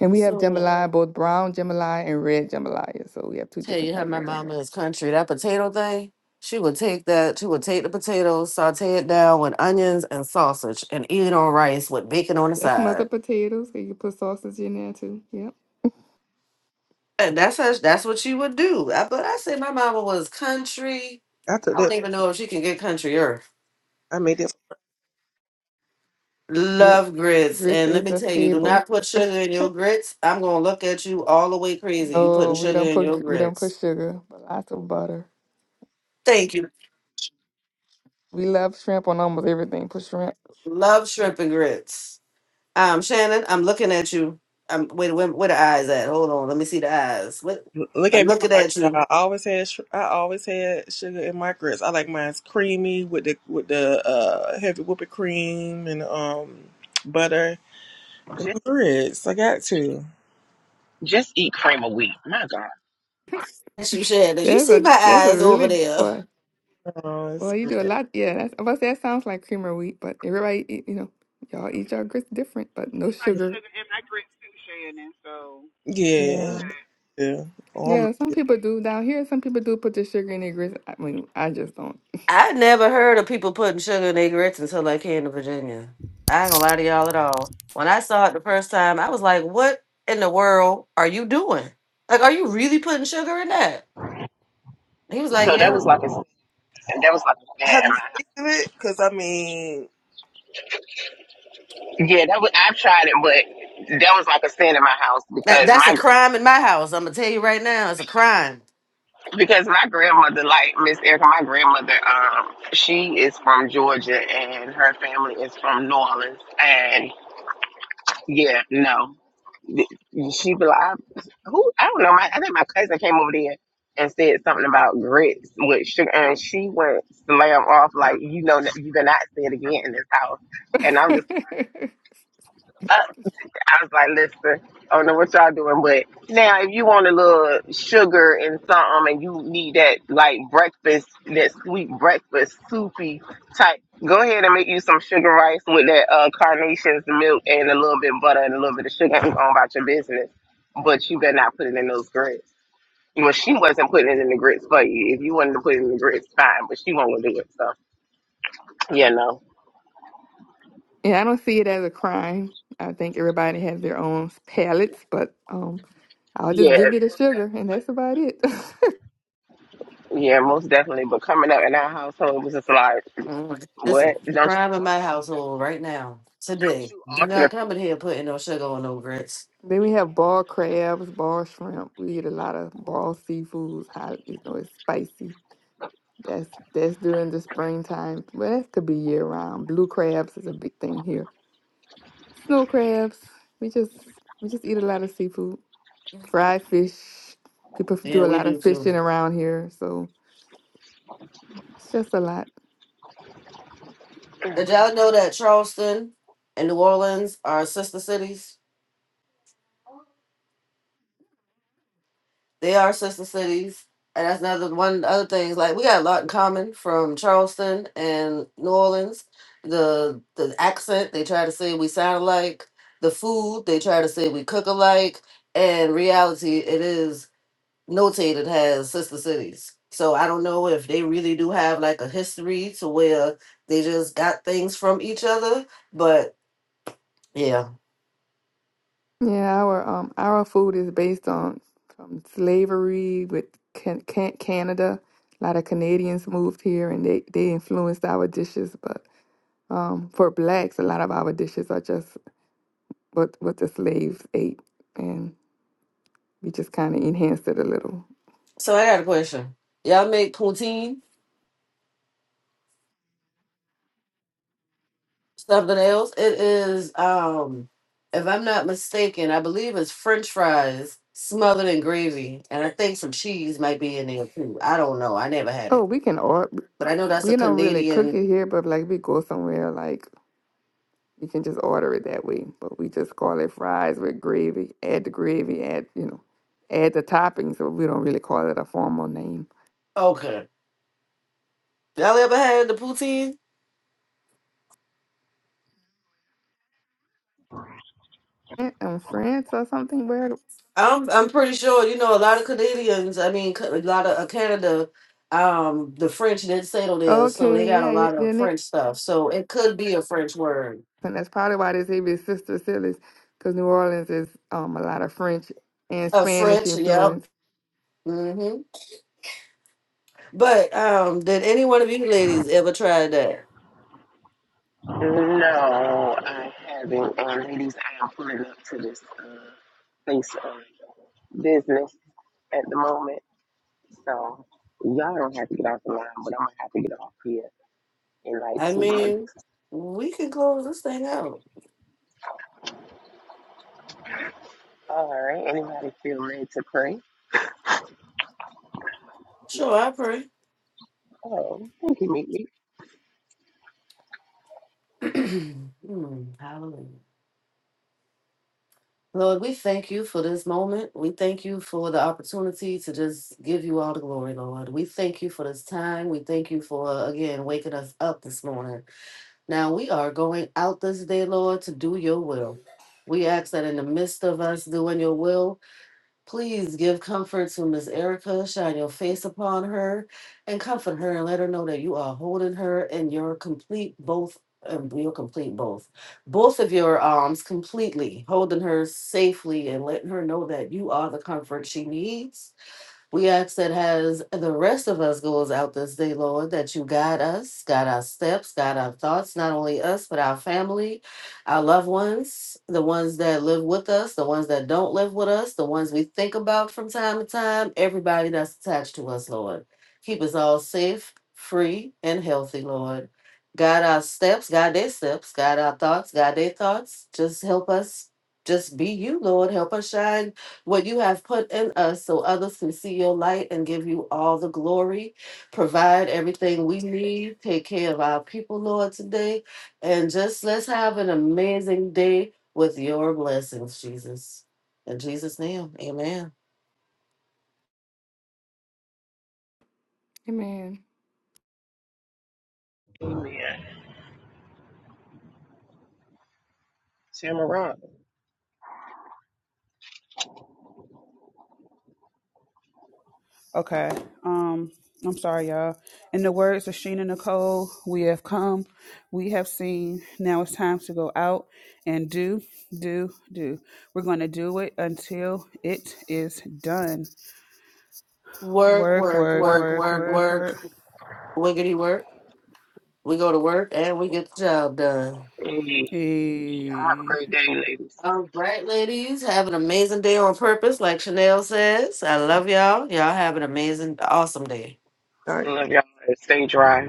and we have
So
jambalaya, both brown jambalaya and red jambalaya. So we have two
tell
different
you how
kinds
my
of jambalaya.
mama is country. That potato thing, she would take that, she would take the potato, saute it down with onions and sausage and eat it on rice with bacon on the
That's
side.
smothered potatoes. so You can put sausage in there too. Yep.
And that's how, that's what she would do. I, but I say my mama was country.
After
I
this,
don't even know if she can get country or
I made it.
Grit-
love grits.
Grits
And let
is
me
a
tell you, do not
staple.
put sugar in your grits. I'm gonna look at you all the way crazy. You putting
Oh, we
sugar
don't
in
put
your
we don't put
grits.
sugar, but lots of butter.
Thank you.
We love shrimp on almost everything. Put shrimp.
Love shrimp and grits. Um, Shannon, I'm looking at you. Um, wait, where, where the eyes at? Hold on, let me see the eyes. What?
Look
I'm
at me
looking
hard.
at you.
I always had sh- I always had sugar in my grits. I like mine's creamy with the with the uh, heavy whipping cream and um butter and grits. I got to.
just eat cream of wheat. My God.
At you, Shannon. You
That's
see
a
my
that's a
eyes over
really
there?
boy.
Oh, it's
Well, you do a
good.
lot. Yeah, that's I must say that sounds like creamer wheat, but everybody eat, you know y'all eat y'all grits different, but no
Like
sugar.
sugar and I drink sushi in it, so
Yeah.
Yeah,
Nah.
yeah.
yeah. Some people do down here. Some people do put the sugar in their grits. I mean, I just don't.
I never heard of people putting sugar in their grits until I came to Virginia. I ain't gonna lie to y'all at all. When I saw it the first time, I was like, "What in the world are you doing? Like, are you really putting sugar in that?" He was
So
like,
that
"Yeah,
was like a sin- that was like a sin
Have
in
you
my
listened
house.
to it? Because I mean,
Yeah, that was I've tried it, but that was like a sin in my house
that,
because
that's a
my
crime in my house. I'm gonna tell you right now, it's a crime."
because my grandmother, like Miss Erica, my grandmother, um, she is from Georgia and her family is from New Orleans. And yeah, no. She be like, I, who? I don't know. My, I think my cousin came over there and said something about grits with sugar, and she went slam off like, you know, you cannot say it again in this house. And I'm
yeah,
just, uh, I was like, listen, I don't know what y'all doing, but now if you want a little sugar and something and you need that like breakfast, that sweet breakfast, soupy type, go ahead and make you some sugar rice with that uh, carnations milk and a little bit of butter and a little bit of sugar and go on about your business. But you better not put it in those grits. Well, she wasn't putting it in the grits for you. If you wanted to put it in the grits, fine, but she won't do it. So, yeah, no.
I don't see it as a crime. I think everybody has their own palates, but um, I'll just
Yeah,
give you the
most
sugar, and
definitely.
that's about it.
Yeah, most definitely. But coming up in our household was just like.
Mm, That's a
What? Don't you
crime in my
alter,
household right now.
don't
Today.
you
Do
alter
not come in here putting no sugar on no grits.
Then we have ball crabs, ball shrimp. We eat a lot of ball seafoods. Hot, you know, it's spicy. That's that's during the springtime. Well, that could be year round. Blue crabs is a big thing here. Snow crabs. We just we just eat a lot of seafood. Fried fish. People f-
Yeah,
do a
we
lot of
do
fishing
too.
around here, so it's just a lot.
Did y'all know that Charleston and New Orleans are sister cities? They are sister cities. And that's another one of the other things. Like we got a lot in common from Charleston and New Orleans. The the accent they try to say we sound alike. The food they try to say we cook alike. And reality it is notated has sister cities. So I don't know if they really do have like a history to where they just got things from each other. But yeah.
Yeah, our um our food is based on from slavery with can, can Canada. A lot of Canadians moved here and they they influenced our dishes, but um for blacks, a lot of our dishes are just what what the slaves ate, and we just kind of enhanced it a little.
So I got a question. Y'all make poutine, something else. It is um if I'm not mistaken, I believe it's French fries smothered in gravy. And I think some cheese might be in there too. I don't know. I never had
Oh,
it.
we can or
But I know that's a
we don't really cook
Canadian
it here, but like we go somewhere like You can just order it that way. But we just call it fries with gravy. Add the gravy, add, you know, add the toppings. So we don't really call it a formal name.
okay. Y'all ever had the poutine?
Eh, In France or something? Where?
I'm I'm pretty sure you know a lot of Canadians. I mean, ca- a lot of uh, Canada, um, the French did settle there, so they
Okay,
got a
yeah, your,
lot
your
of
name.
French stuff. So it could be a French word,
And that's probably why they say be Sister Cities, because New Orleans is um a lot of French and
a
Spanish
French. Yep.
influence.
Mm-hmm. But um, did any one of you ladies ever try that?
the food? No, I haven't. Um, ladies, I am pulling up to this uh, place of business at the moment. So y'all don't have to get off the line, but I'm going to have to get off here in like
I
two
mean,
minutes.
we can close this thing out.
All right. Anybody feel led to pray?
Sure, I pray.
Oh, thank you, Meet Me.
Hmm, hallelujah. Lord, we thank you for this moment. We thank you for the opportunity to just give you all the glory, Lord. We thank you for this time. We thank you for, again, waking us up this morning. Now, we are going out this day, Lord, to do your will. We ask that in the midst of us doing your will, Please give comfort to Miss Erica, shine your face upon her, and comfort her and let her know that you are holding her in your complete both um, your complete both. Both of your arms completely, holding her safely and letting her know that you are the comfort she needs we ask that as the rest of us goes out this day, Lord, that you guide us, guide our steps, guide our thoughts, not only us, but our family, our loved ones, the ones that live with us, the ones that don't live with us, the ones we think about from time to time, everybody that's attached to us, Lord. Keep us all safe, free, and healthy, Lord. Guide our steps, guide their steps, guide our thoughts, guide their thoughts. Just help us, just be you, Lord. Help us shine what you have put in us so others can see your light and give you all the glory. Provide everything we need. Take care of our people, Lord, today. And just let's have an amazing day with your blessings, Jesus. In Jesus' name, amen.
Amen.
Shamara.
Okay. Um, I'm sorry, y'all. In the words of Sheena Nicole, we have come, we have seen. Now it's time to go out and do, do, do. We're going to do it until it is done.
Work,
Work,
work,
work,
work,
Word,
work,
work,
work, work.
work.
word.
Wiggity work. We go to work and we get the job done.
Hey, y'all have a
Hey.
great day, ladies.
All right, ladies, have an amazing day on purpose, like Chanel says. I love y'all. Y'all have an amazing, awesome day.
all right.
Love y'all. Stay dry.